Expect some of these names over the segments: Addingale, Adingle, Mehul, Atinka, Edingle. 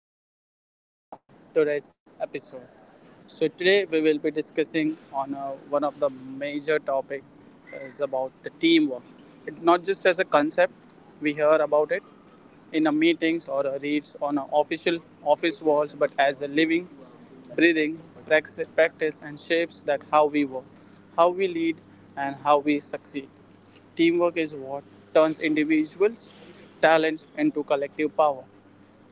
Mehul and welcome to our today's episode. So today we will be discussing on one of the major topic is about the teamwork. It's not just as a concept we hear about it in a meetings or a reads on a official office walls, but as a living, breathing practice and shapes that how we work, how we lead, and how we succeed. Teamwork is what turns individuals' talents into collective power.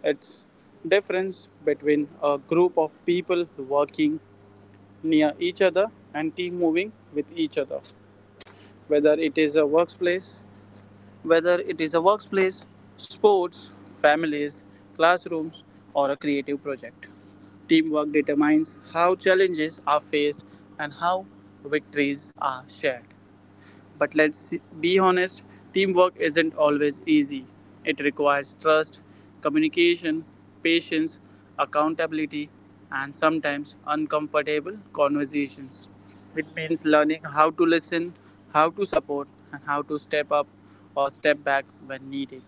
It's difference between a group of people working near each other and team moving with each other. Whether it is a workplace, whether it is a workplace, sports, families, classrooms, or a creative project. Teamwork determines how challenges are faced and how victories are shared. But let's be honest, teamwork isn't always easy. It requires trust, communication, patience, accountability, and sometimes uncomfortable conversations. It means learning how to listen, how to support, and how to step up or step back when needed.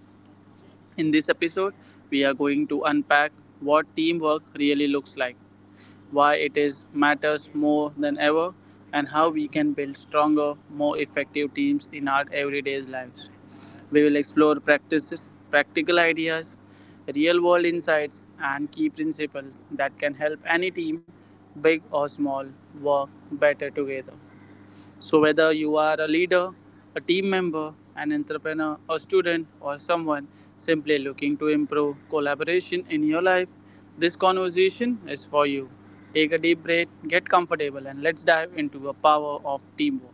In this episode, we are going to unpack what teamwork really looks like, why it is matters more than ever, and how we can build stronger, more effective teams in our everyday lives. We will explore practical ideas, real world insights, and key principles that can help any team, big or small, work better together. So, whether you are a leader, a team member, an entrepreneur, a student, or someone simply looking to improve collaboration in your life, this conversation is for you. Take a deep breath, get comfortable, and let's dive into the power of teamwork.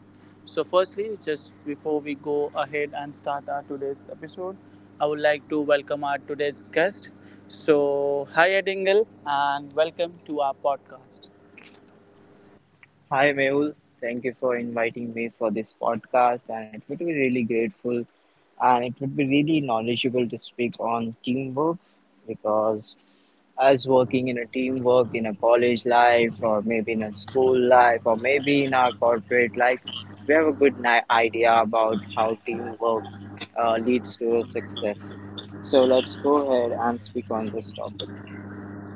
So, firstly, just before we go ahead and start our today's episode, I would like to welcome our today's guest. So, hi Edingle, and welcome to our podcast. Hi, Mehul. Thank you for inviting me for this podcast, and it would be really grateful and it would be really knowledgeable to speak on teamwork because as working in a teamwork in a college life or maybe in a school life or maybe in our corporate life, we have a good idea about how teamwork leads to a success. So let's go ahead and speak on this topic.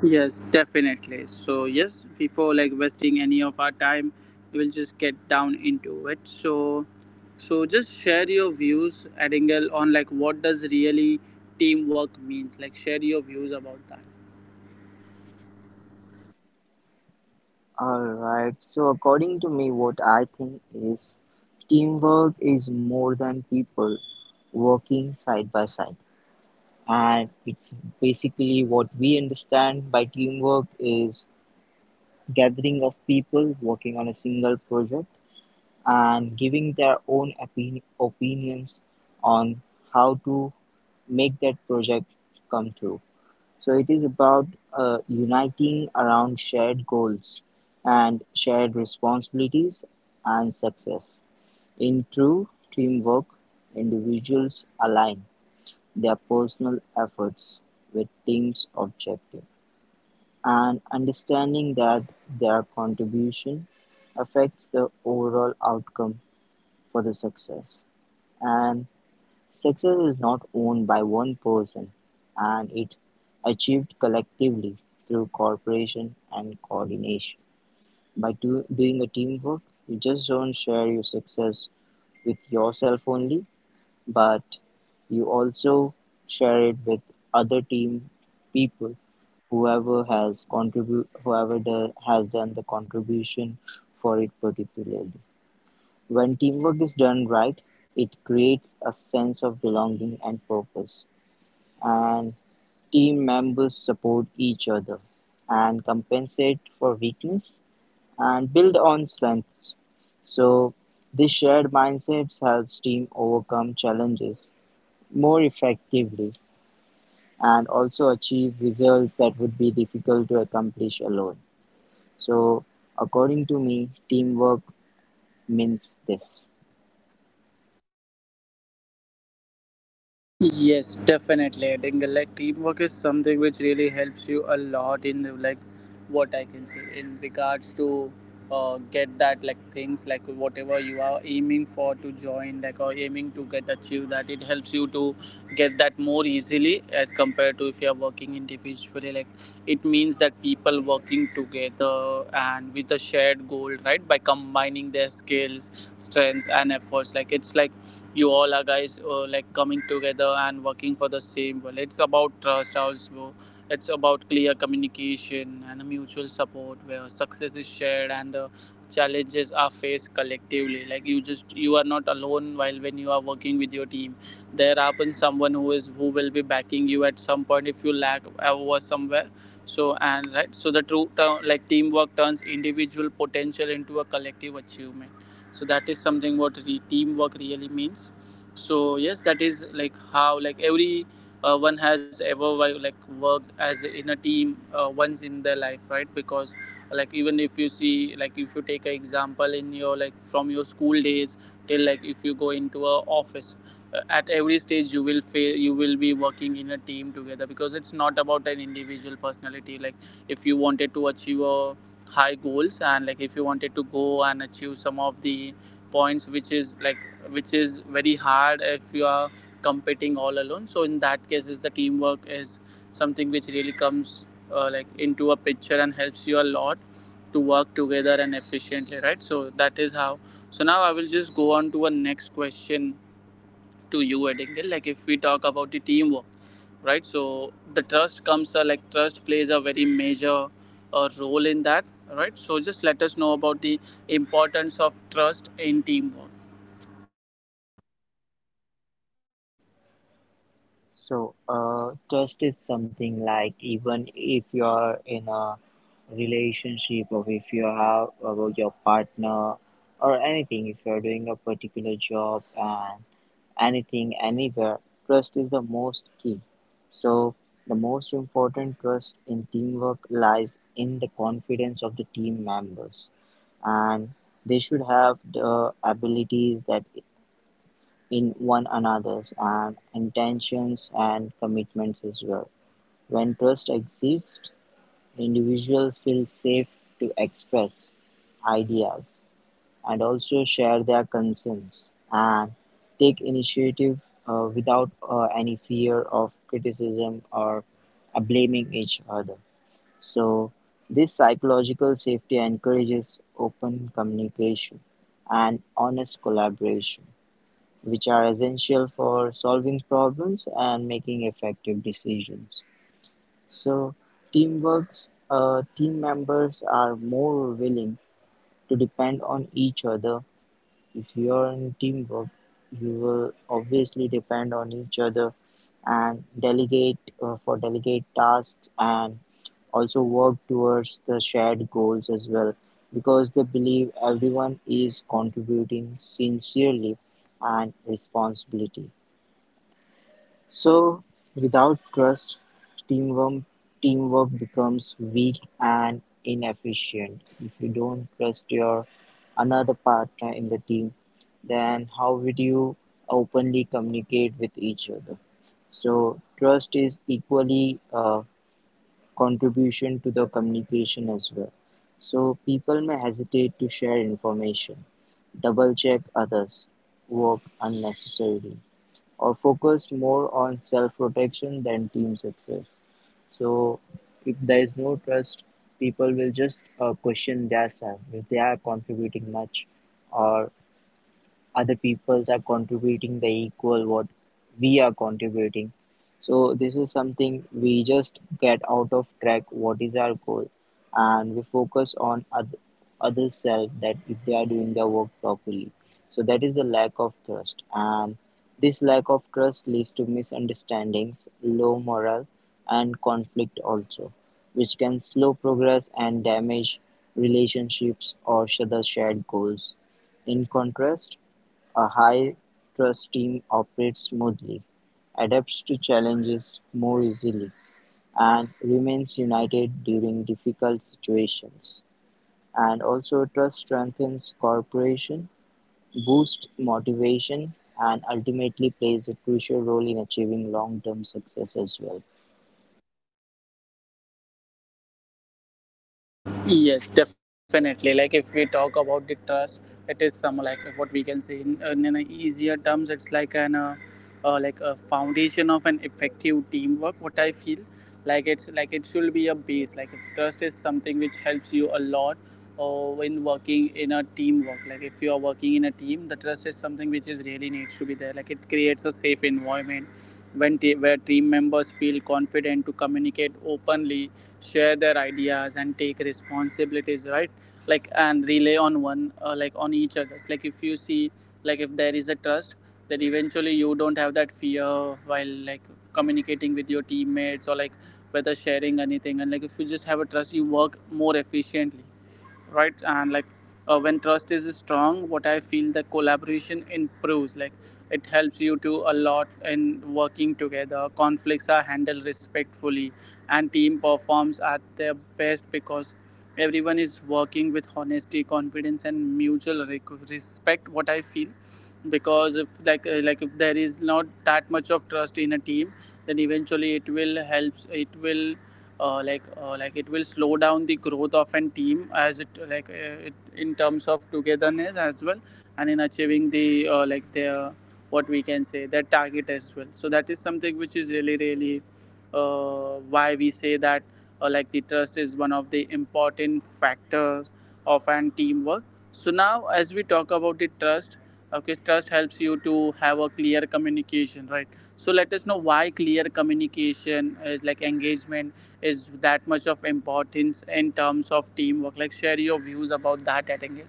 Yes, definitely. So yes, before like wasting any of our time, we will just get down into it. So just share your views, Adingle, on like what does really teamwork means. Like share your views about that. All right. So according to me, what I think is teamwork is more than people working side by side. And it's basically what we understand by teamwork is gathering of people working on a single project and giving their own opinions on how to make that project come through. So it is about uniting around shared goals and shared responsibilities and success. In true teamwork, individuals align their personal efforts with team's objective and understanding that their contribution affects the overall outcome for the success. And success is not owned by one person, and it's achieved collectively through cooperation and coordination. By doing a teamwork, you just don't share your success with yourself only, but you also share it with other team people. Whoever has done the contribution for it particularly. When teamwork is done right, it creates a sense of belonging and purpose and team members support each other and compensate for weakness and build on strengths. So, this shared mindset helps team overcome challenges more effectively and also achieve results that would be difficult to accomplish alone. So, according to me, teamwork means this. Yes, definitely. I think like teamwork is something which really helps you a lot in the, like what I can say in regards to get that like things like whatever you are aiming for to join like or aiming to get achieve that it helps you to get that more easily as compared to if you are working individually. Like it means that people working together and with a shared goal, right, by combining their skills, strengths and efforts. Like it's like you all are guys like coming together and working for the same goal. It's about trust also. It's about clear communication and a mutual support where success is shared and the challenges are faced collectively. Like you just you are not alone while when you are working with your team, there happens someone who is who will be backing you at some point if you lack over somewhere. So and right, so the like teamwork turns individual potential into a collective achievement. So that is something teamwork really means. So yes, that is like how like every one has ever like worked as in a team once in their life, right? Because like even if you see, like if you take an example in your like from your school days till like if you go into a office, at every stage you will fail you will be working in a team together, because it's not about an individual personality. Like if you wanted to achieve a high goals, and like if you wanted to go and achieve some of the points which is like which is very hard if you are competing all alone, so in that case is the teamwork is something which really comes like into a picture and helps you a lot to work together and efficiently, right? So that is how. So now I will just go on to a next question to you, Edingle. Like if we talk about the teamwork, right, so the trust comes like trust plays a very major role in that, right? So just let us know about the importance of trust in teamwork. So, trust is something like even if you're in a relationship or if you have about your partner or anything, if you're doing a particular job and anything, anywhere, trust is the most key. So, the most important trust in teamwork lies in the confidence of the team members, and they should have the abilities that in one another's and intentions and commitments as well. When trust exists, the individual feels safe to express ideas and also share their concerns and take initiative without any fear of criticism or blaming each other. So, this psychological safety encourages open communication and honest collaboration which are essential for solving problems and making effective decisions. So, team members are more willing to depend on each other. If you are in teamwork, you will obviously depend on each other and delegate for delegate tasks and also work towards the shared goals as well because they believe everyone is contributing sincerely and responsibility. So, without trust, teamwork teamwork becomes weak and inefficient. If you don't trust your another partner in the team, then how would you openly communicate with each other? So, trust is equally a contribution to the communication as well. So, people may hesitate to share information, double check others, work unnecessarily or focused more on self-protection than team success. So if there is no trust, people will just question their self if they are contributing much or other peoples are contributing the equal what we are contributing. So this is something we just get out of track what is our goal and we focus on other self that if they are doing their work properly. So that is the lack of trust, and this lack of trust leads to misunderstandings, low morale, and conflict also, which can slow progress and damage relationships or other shared goals. In contrast, a high-trust team operates smoothly, adapts to challenges more easily, and remains united during difficult situations. And also, trust strengthens cooperation, boosts motivation, and ultimately plays a crucial role in achieving long-term success as well. Yes, definitely. Like if we talk about the trust, it is some like what we can say in a easier terms. It's like an like a foundation of an effective teamwork. What I feel like it's like it should be a base. Like if trust is something which helps you a lot when working in a teamwork. Like if you are working in a team, the trust is something which is really needs to be there. Like it creates a safe environment where team members feel confident to communicate openly, share their ideas and take responsibilities, right? Like and relay on one like on each other's. Like if you see, like if there is a trust, then eventually you don't have that fear while like communicating with your teammates or like whether sharing anything. And like if you just have a trust, you work more efficiently, right? And like when trust is strong, what I feel the collaboration improves. Like it helps you to a lot in working together, conflicts are handled respectfully and team performs at their best because everyone is working with honesty, confidence and mutual respect, what I feel. Because if like like if there is not that much of trust in a team, then eventually it will helps it will like it will slow down the growth of a team as it like it, in terms of togetherness as well, and in achieving the like their what we can say their target as well. So that is something which is really really why we say that like the trust is one of the important factors of an teamwork. So now as we talk about the trust, okay, trust helps you to have a clear communication, right? So let us know why clear communication is like engagement is that much of importance in terms of teamwork. Like share your views about that at engage.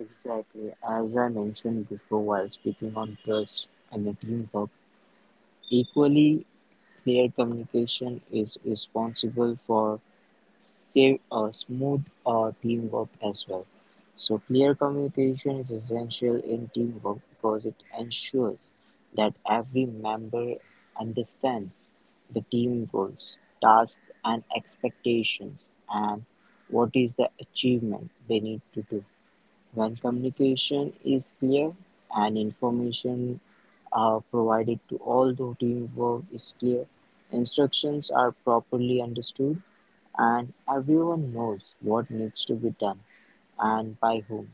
Exactly. As I mentioned before while speaking on trust and the teamwork, equally clear communication is responsible for Save smooth teamwork as well. So clear communication is essential in teamwork because it ensures that every member understands the team goals, tasks, and expectations, and what is the achievement they need to do. When communication is clear and information are provided to all the teamwork is clear, instructions are properly understood, and everyone knows what needs to be done and by whom,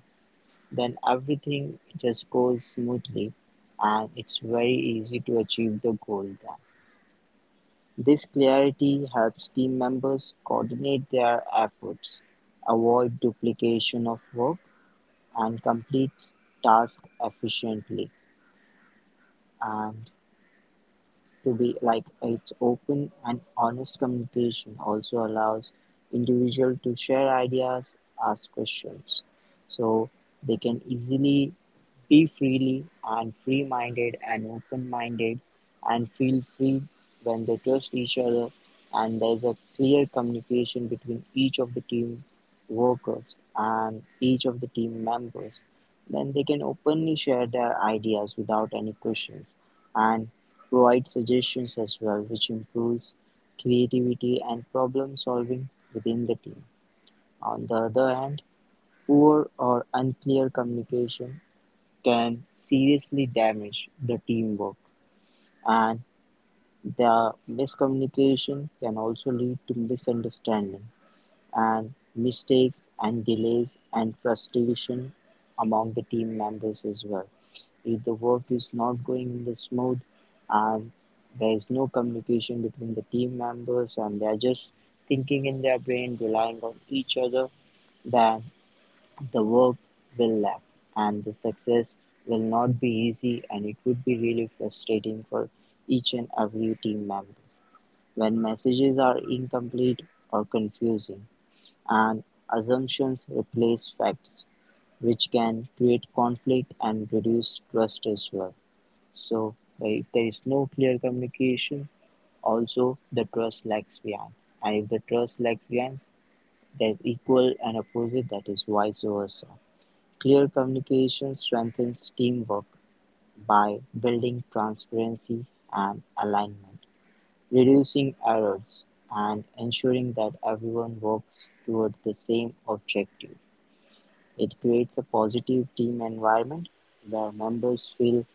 then everything just goes smoothly and it's very easy to achieve the goal then. This clarity helps team members coordinate their efforts, avoid duplication of work, and complete tasks efficiently. And to be like its open and honest communication also allows individual to share ideas, ask questions, so they can easily be freely and free minded and open minded and feel free when they trust each other and there's a clear communication between each of the team workers and each of the team members, then they can openly share their ideas without any questions and provide suggestions as well, which improves creativity and problem-solving within the team. On the other hand, poor or unclear communication can seriously damage the teamwork, and the miscommunication can also lead to misunderstanding and mistakes and delays and frustration among the team members as well. If the work is not going in the smooth and there is no communication between the team members and they are just thinking in their brain, relying on each other, then the work will lag, and the success will not be easy and it would be really frustrating for each and every team member. When messages are incomplete or confusing, and assumptions replace facts, which can create conflict and reduce trust as well. So, like, if there is no clear communication, also the trust lags behind. And if the trust lags behind, there's equal and opposite, that is vice versa. Clear communication strengthens teamwork by building transparency and alignment, reducing errors, and ensuring that everyone works toward the same objective. It creates a positive team environment where members feel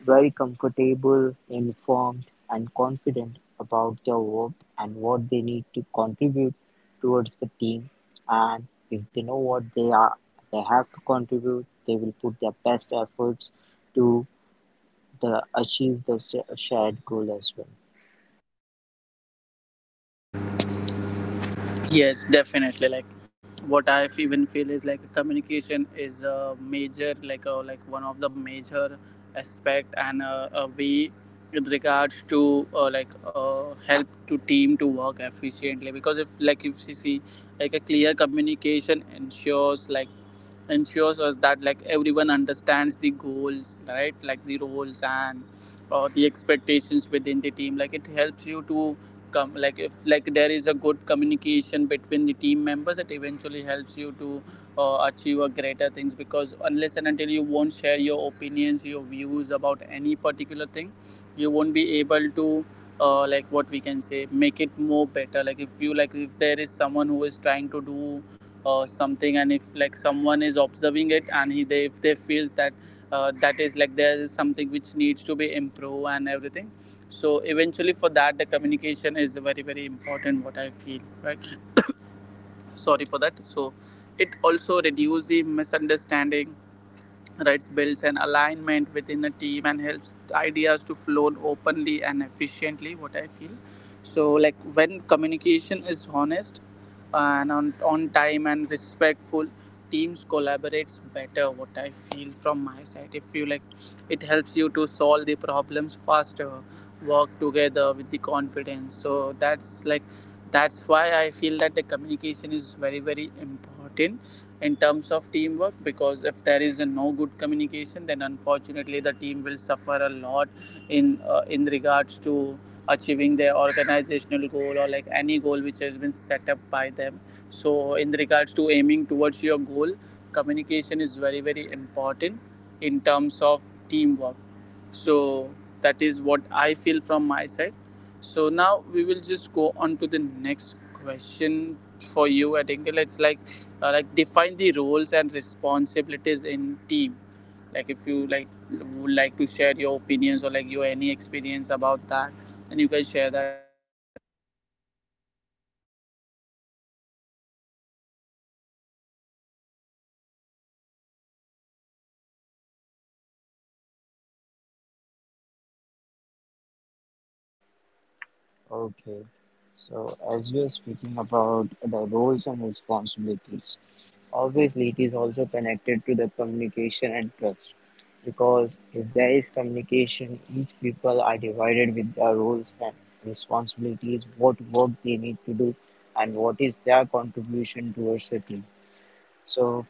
very comfortable, informed, and confident about their work and what they need to contribute towards the team. And if they know what they are, they have to contribute. They will put their best efforts to achieve the shared goal as well. Yes, definitely. Like even feel is like communication is a major like one of the major aspect and a way with regards to help to team to work efficiently. Because if like if you see like a clear communication ensures like ensures us that like everyone understands the goals, right, like the roles and the expectations within the team. Like it helps you to come like if like there is a good communication between the team members, it eventually helps you to achieve a greater things, because unless and until you won't share your opinions, your views about any particular thing, you won't be able to like what we can say make it more better. Like if you like if there is someone who is trying to do something, and if like someone is observing it and if they feels that that is like there is something which needs to be improved and everything, so eventually for that the communication is very very important what I feel, right? Sorry for that. So it also reduce the misunderstanding, writes builds an alignment within the team and helps ideas to flow openly and efficiently. What I feel, so like when communication is honest and on time and respectful, teams collaborates better. What I feel from my side, if you like, it helps you to solve the problems faster, work together with the confidence. That's why I feel that the communication is very very important in terms of teamwork, because if there is a no good communication, then unfortunately the team will suffer a lot in regards to achieving their organizational goal or like any goal which has been set up by them. So in regards to aiming towards your goal, communication is very very important in terms of teamwork. So that is what I feel from my side. So now we will just go on to the next question for you, Atinka. It's like define the roles and responsibilities in team. Like if you like would like to share your opinions or like your any experience about that, then you can share that as well. Okay. So, as you are speaking about the roles and responsibilities, obviously it is also connected to the communication and trust. Because if there is communication, each people are divided with their roles and responsibilities, what work they need to do, and what is their contribution towards the team. So,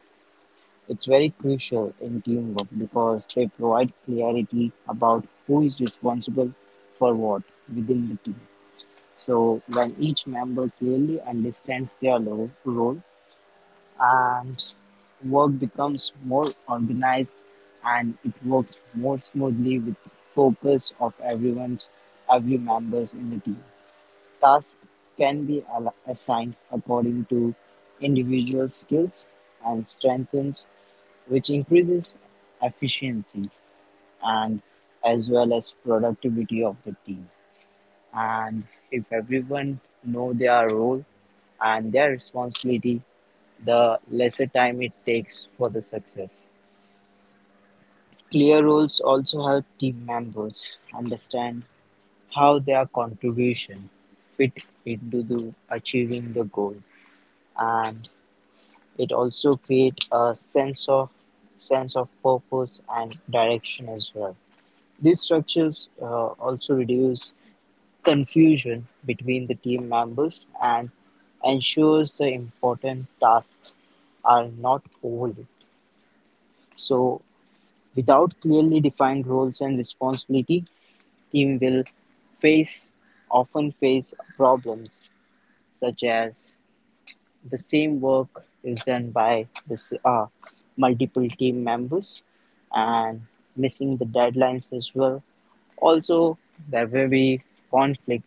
it's very crucial in teamwork because they provide clarity about who is responsible for what within the team. So when each member clearly understands their role, and work becomes more organized and it works more smoothly with focus of everyone's, every members in the team. Tasks can be assigned according to individual skills and strengths, which increases efficiency and as well as productivity of the team. And if everyone know their role and their responsibility, the lesser time it takes for the success. Clear roles also help team members understand how their contribution fit into the achieving the goal, and it also create a sense of purpose and direction as well. These structures also reduce confusion between the team members and ensures the important tasks are not overlooked. So, without clearly defined roles and responsibility, team will face often face problems such as the same work is done by this multiple team members and missing the deadlines as well. Also, there will be conflict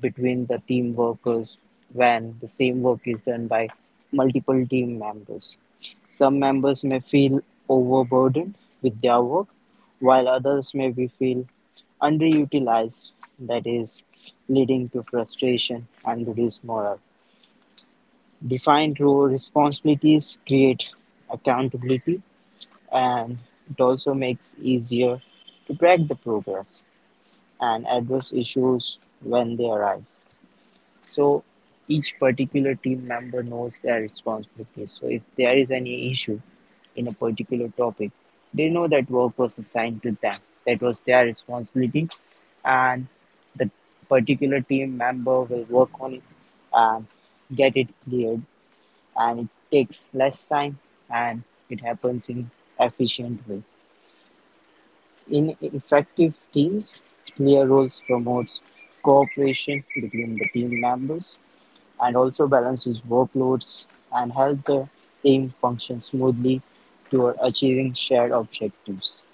between the team workers when the same work is done by multiple team members. Some members may feel overburdened with their work, while others may be feel underutilized, that is, leading to frustration and reduced morale. Defined role responsibilities create accountability, and it also makes easier to track the progress and address issues when they arise. So each particular team member knows their responsibilities. So if there is any issue in a particular topic, they know that work was assigned to them. That was their responsibility, and the particular team member will work on it and get it cleared. And it takes less time and it happens in efficient way. In effective teams, clear roles promotes cooperation between the team members and also balances workloads and help the team function smoothly toward achieving shared objectives.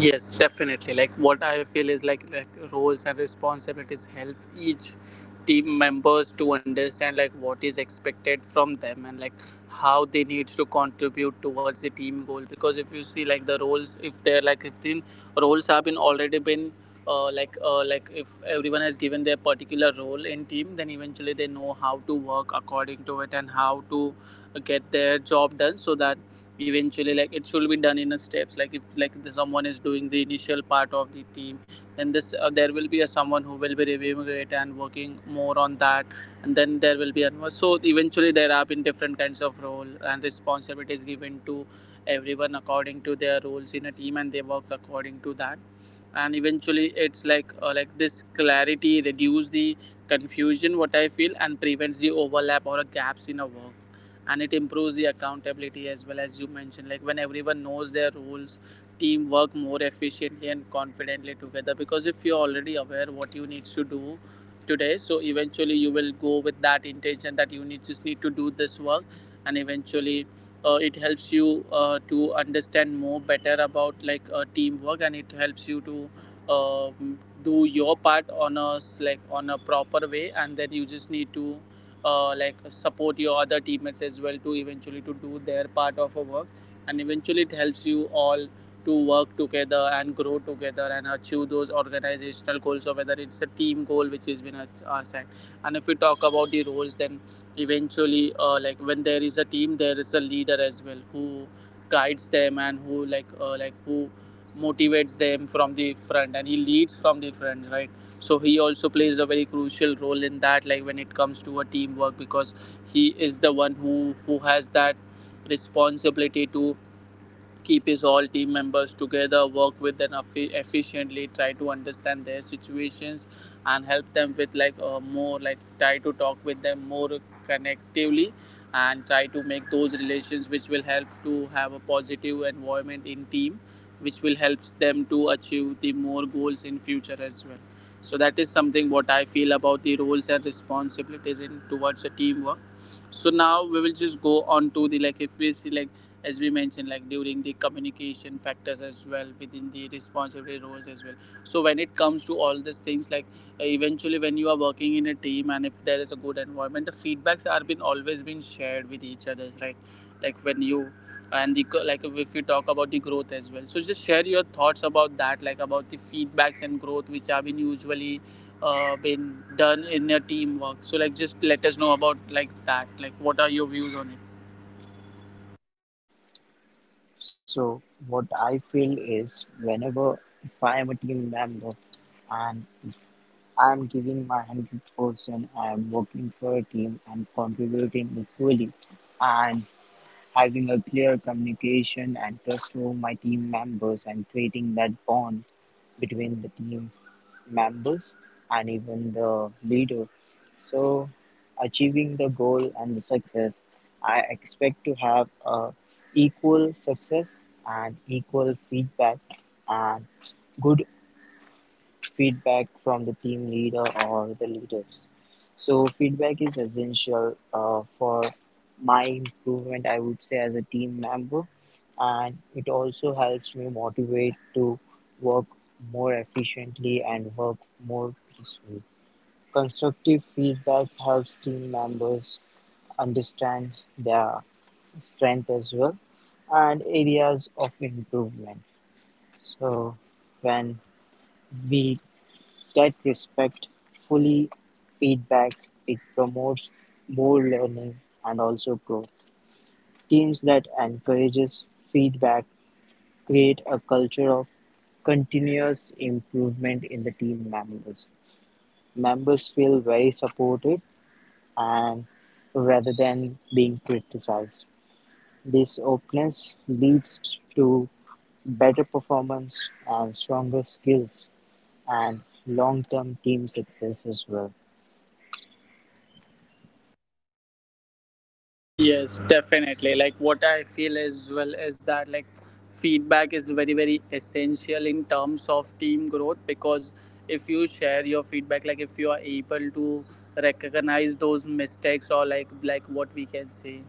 Yes, definitely. Like what I feel is like roles and responsibilities help each team members to understand like what is expected from them and like how they need to contribute towards the team goal. Because if you see like the roles, if they're like if the roles have been already been like if everyone has given their particular role in team, then eventually they know how to work according to it and how to get their job done, so that eventually like it should be done in a steps. Like if like someone is doing the initial part of the team, then this there will be a someone who will be reviewing it and working more on that, and then there will be another. So eventually there have been different kinds of role and responsibilities given to everyone according to their roles in a team, and they works according to that. And eventually it's like this clarity reduce the confusion what I feel, and prevents the overlap or gaps in a work, and it improves the accountability as well, as you mentioned, like when everyone knows their roles, team work more efficiently and confidently together. Because if you're already aware what you need to do today, so eventually you will go with that intention that you need just need to do this work. And eventually it helps you to understand more better about like teamwork, and it helps you to uh, do your part on a s- like on a proper way, and then you just need to like support your other teammates as well to eventually to do their part of a work. And eventually it helps you all to work together and grow together and achieve those organizational goals, or whether it's a team goal which has been set. And if we talk about the roles, then eventually like when there is a team, there is a leader as well who guides them, and who who motivates them from the front, and he leads from the front, right? So he also plays a very crucial role in that, like when it comes to a teamwork, because he is the one who has that responsibility to keep his all team members together, work with them efficiently, try to understand their situations, and help them with like more like try to talk with them more connectively, and try to make those relations which will help to have a positive environment in team, which will help them to achieve the more goals in future as well. So that is something what I feel about the roles and responsibilities in towards the teamwork. So now we will just go on to the like if we see like, as we mentioned like, during the communication factors as well, within the responsibility roles as well. So when it comes to all these things like, eventually when you are working in a team and if there is a good environment, the feedbacks are been always been shared with each other, right? Like when you, and the like if we talk about the growth as well, so just share your thoughts about that, like about the feedbacks and growth which have been usually been done in a teamwork. So like just let us know about like that, like what are your views on it. So what I feel is whenever if I am a team member and I'm giving my 100%, I'm working for a team and contributing equally and having a clear communication and trust for my team members and creating that bond between the team members and even the leader. So, achieving the goal and the success, I expect to have a equal success and equal feedback and good feedback from the team leader or the leaders. So feedback is essential for my improvement, I would say, as a team member, and it also helps me motivate to work more efficiently and work more peacefully. Constructive feedback helps team members understand their strength as well and areas of improvement. So when we that respect fully feedbacks, it promotes more learning and also growth. Teams that encourages feedback create a culture of continuous improvement in the team members. Members feel very supported and rather than being criticized. This openness leads to better performance and stronger skills and long term team success as well. Yes, definitely. Like what I feel as well is that like feedback is very very essential in terms of team growth, because if you share your feedback, like if you are able to recognize those mistakes, or like what we can say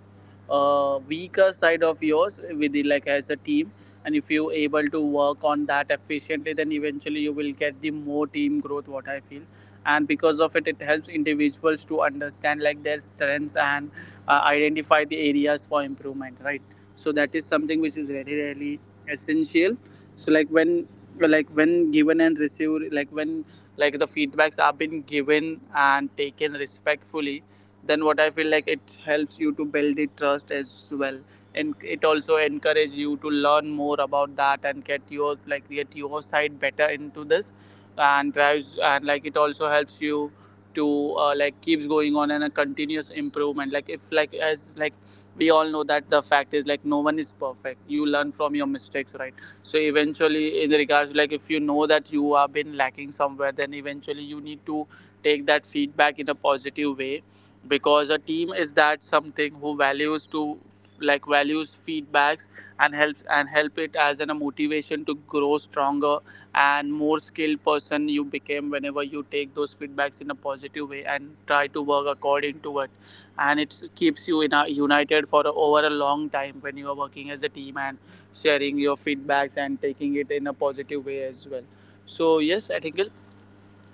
weaker side of yours within like as a team, and if you able to work on that efficiently, then eventually you will get the more team growth, what I feel. And because of it, it helps individuals to understand like their strengths and identify the areas for improvement, right? So that is something which is very really essential. So like when given and received, like when like the feedbacks are been given and taken respectfully, then what I feel like it helps you to build the trust as well, and it also encourages you to learn more about that and get your side better into this. And drives, and like it also helps you to like keeps going on and a continuous improvement. Like if like as like, we all know that the fact is like no one is perfect, you learn from your mistakes, right? So eventually, in regards, like if you know that you have been lacking somewhere, then eventually you need to take that feedback in a positive way. Because a team is that something who values to like values feedbacks, and helps and help it as an, a motivation to grow stronger and more skilled person you became whenever you take those feedbacks in a positive way and try to work according to it. And it keeps you in a, united for a, over a long time, when you are working as a team and sharing your feedbacks and taking it in a positive way as well. So yes, I think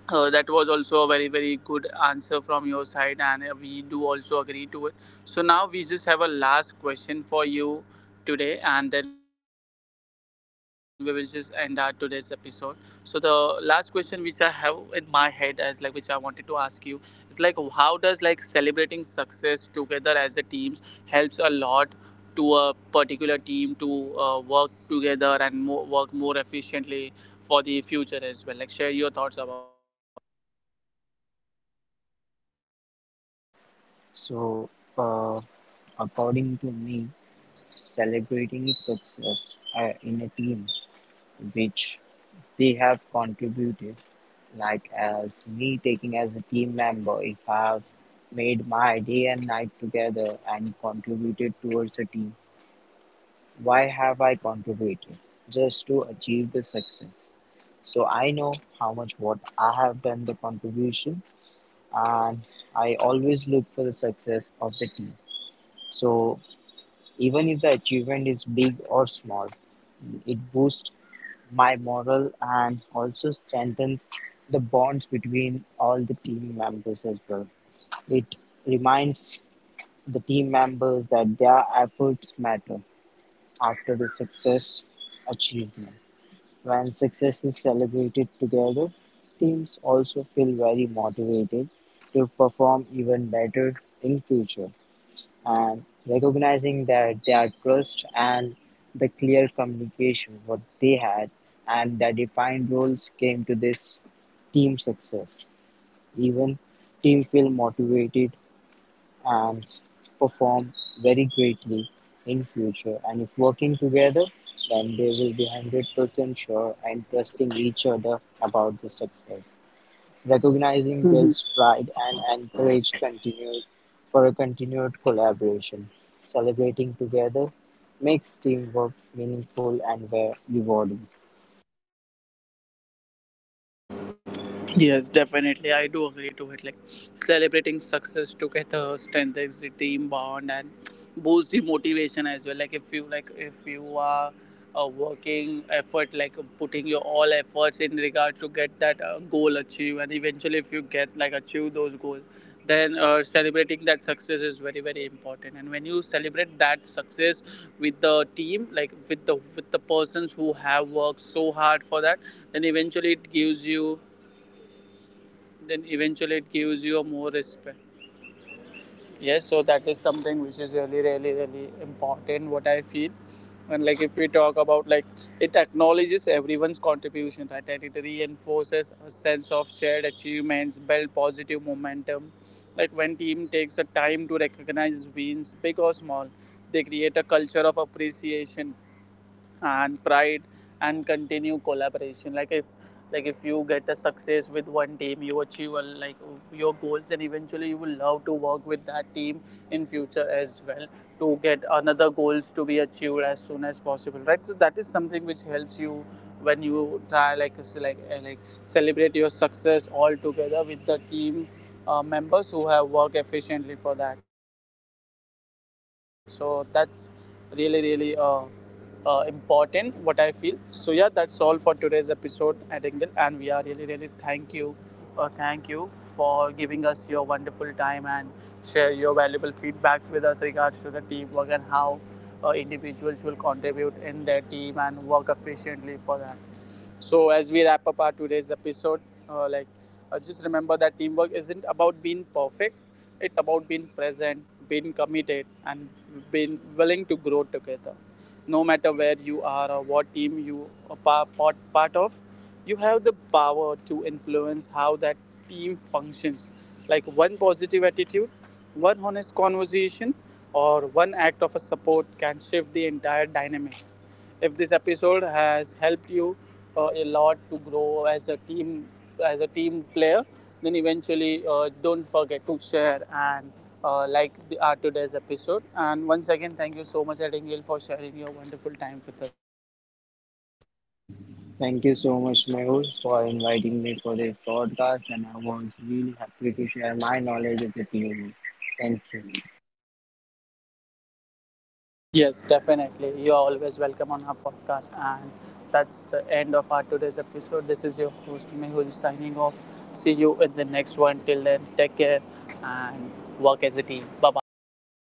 that was also a very very good answer from your side, and we do also agree to it. So now we just have a last question for you today, and then we will just end our today's episode. So the last question which I have in my head, as like which I wanted to ask you, is like how does like celebrating success together as a teams helps a lot to a particular team to work together and work more efficiently for the future as well. Like share your thoughts about So, uh, according to me, celebrating success in a team which they have contributed, like as me taking as a team member, if I have made my day and night together and contributed towards a team, why have I contributed? Just to achieve the success. So I know how much what I have done the contribution, and I always look for the success of the team. So even if the achievement is big or small, it boosts my morale and also strengthens the bonds between all the team members as well. It reminds the team members that their efforts matter after the success achievement. When success is celebrated together, teams also feel very motivated to perform even better in future and recognizing that their trust and the clear communication what they had and their defined roles came to this team success. Even team feel motivated and perform very greatly in future, and if working together then they will be 100% sure and trusting each other about the success. Recognizing builds that. pride and encourage continued, for a continued collaboration. Celebrating together makes teamwork meaningful and rewarding. Yes, definitely. I do agree to it. Like celebrating success together strengthens the team bond and boosts the motivation as well. Like if you are working effort, like putting your all efforts in regards to get that goal achieved, and eventually if you get like achieve those goals, then celebrating that success is very very important. And when you celebrate that success with the team, like with the persons who have worked so hard for that, then eventually it gives you then eventually it gives you more respect. Yes, so that is something which is really really really important, what I feel. And like if we talk about like, it acknowledges everyone's contribution, right? And it reinforces a sense of shared achievements, build positive momentum. Like when team takes the time to recognize wins, big or small, they create a culture of appreciation and pride and continue collaboration. Like if like if you get a success with one team, you achieve a, like your goals, and eventually you will love to work with that team in future as well to get another goals to be achieved as soon as possible, right? So that is something which helps you when you try like celebrate your success all together with the team members who have worked efficiently for that. So that's really really important, what I feel. So yeah, that's all for today's episode at engel, and we are really really thank you, thank you for giving us your wonderful time and share your valuable feedbacks with us regards to the teamwork, and how individuals will contribute in their team and work efficiently for that. So as we wrap up our today's episode, uh, like just remember that teamwork isn't about being perfect. It's about being present, being committed, and being willing to grow together. No matter where you are or what team you are part of, you have the power to influence how that team functions. Like one positive attitude, one honest conversation, or one act of a support can shift the entire dynamic. If this episode has helped you a lot to grow as a team, as a team player, then eventually don't forget to share and like our today's episode. And once again, thank you so much, Addingale, for sharing your wonderful time with us. Thank you so much, Mehul, for inviting me for this podcast, and I was really happy to share my knowledge with you. Thank you. Yes, definitely. You're always welcome on our podcast. And that's the end of our today's episode. This is your host, Mehul, signing off. See you in the next one. Till then, take care and work as a team. Bye bye.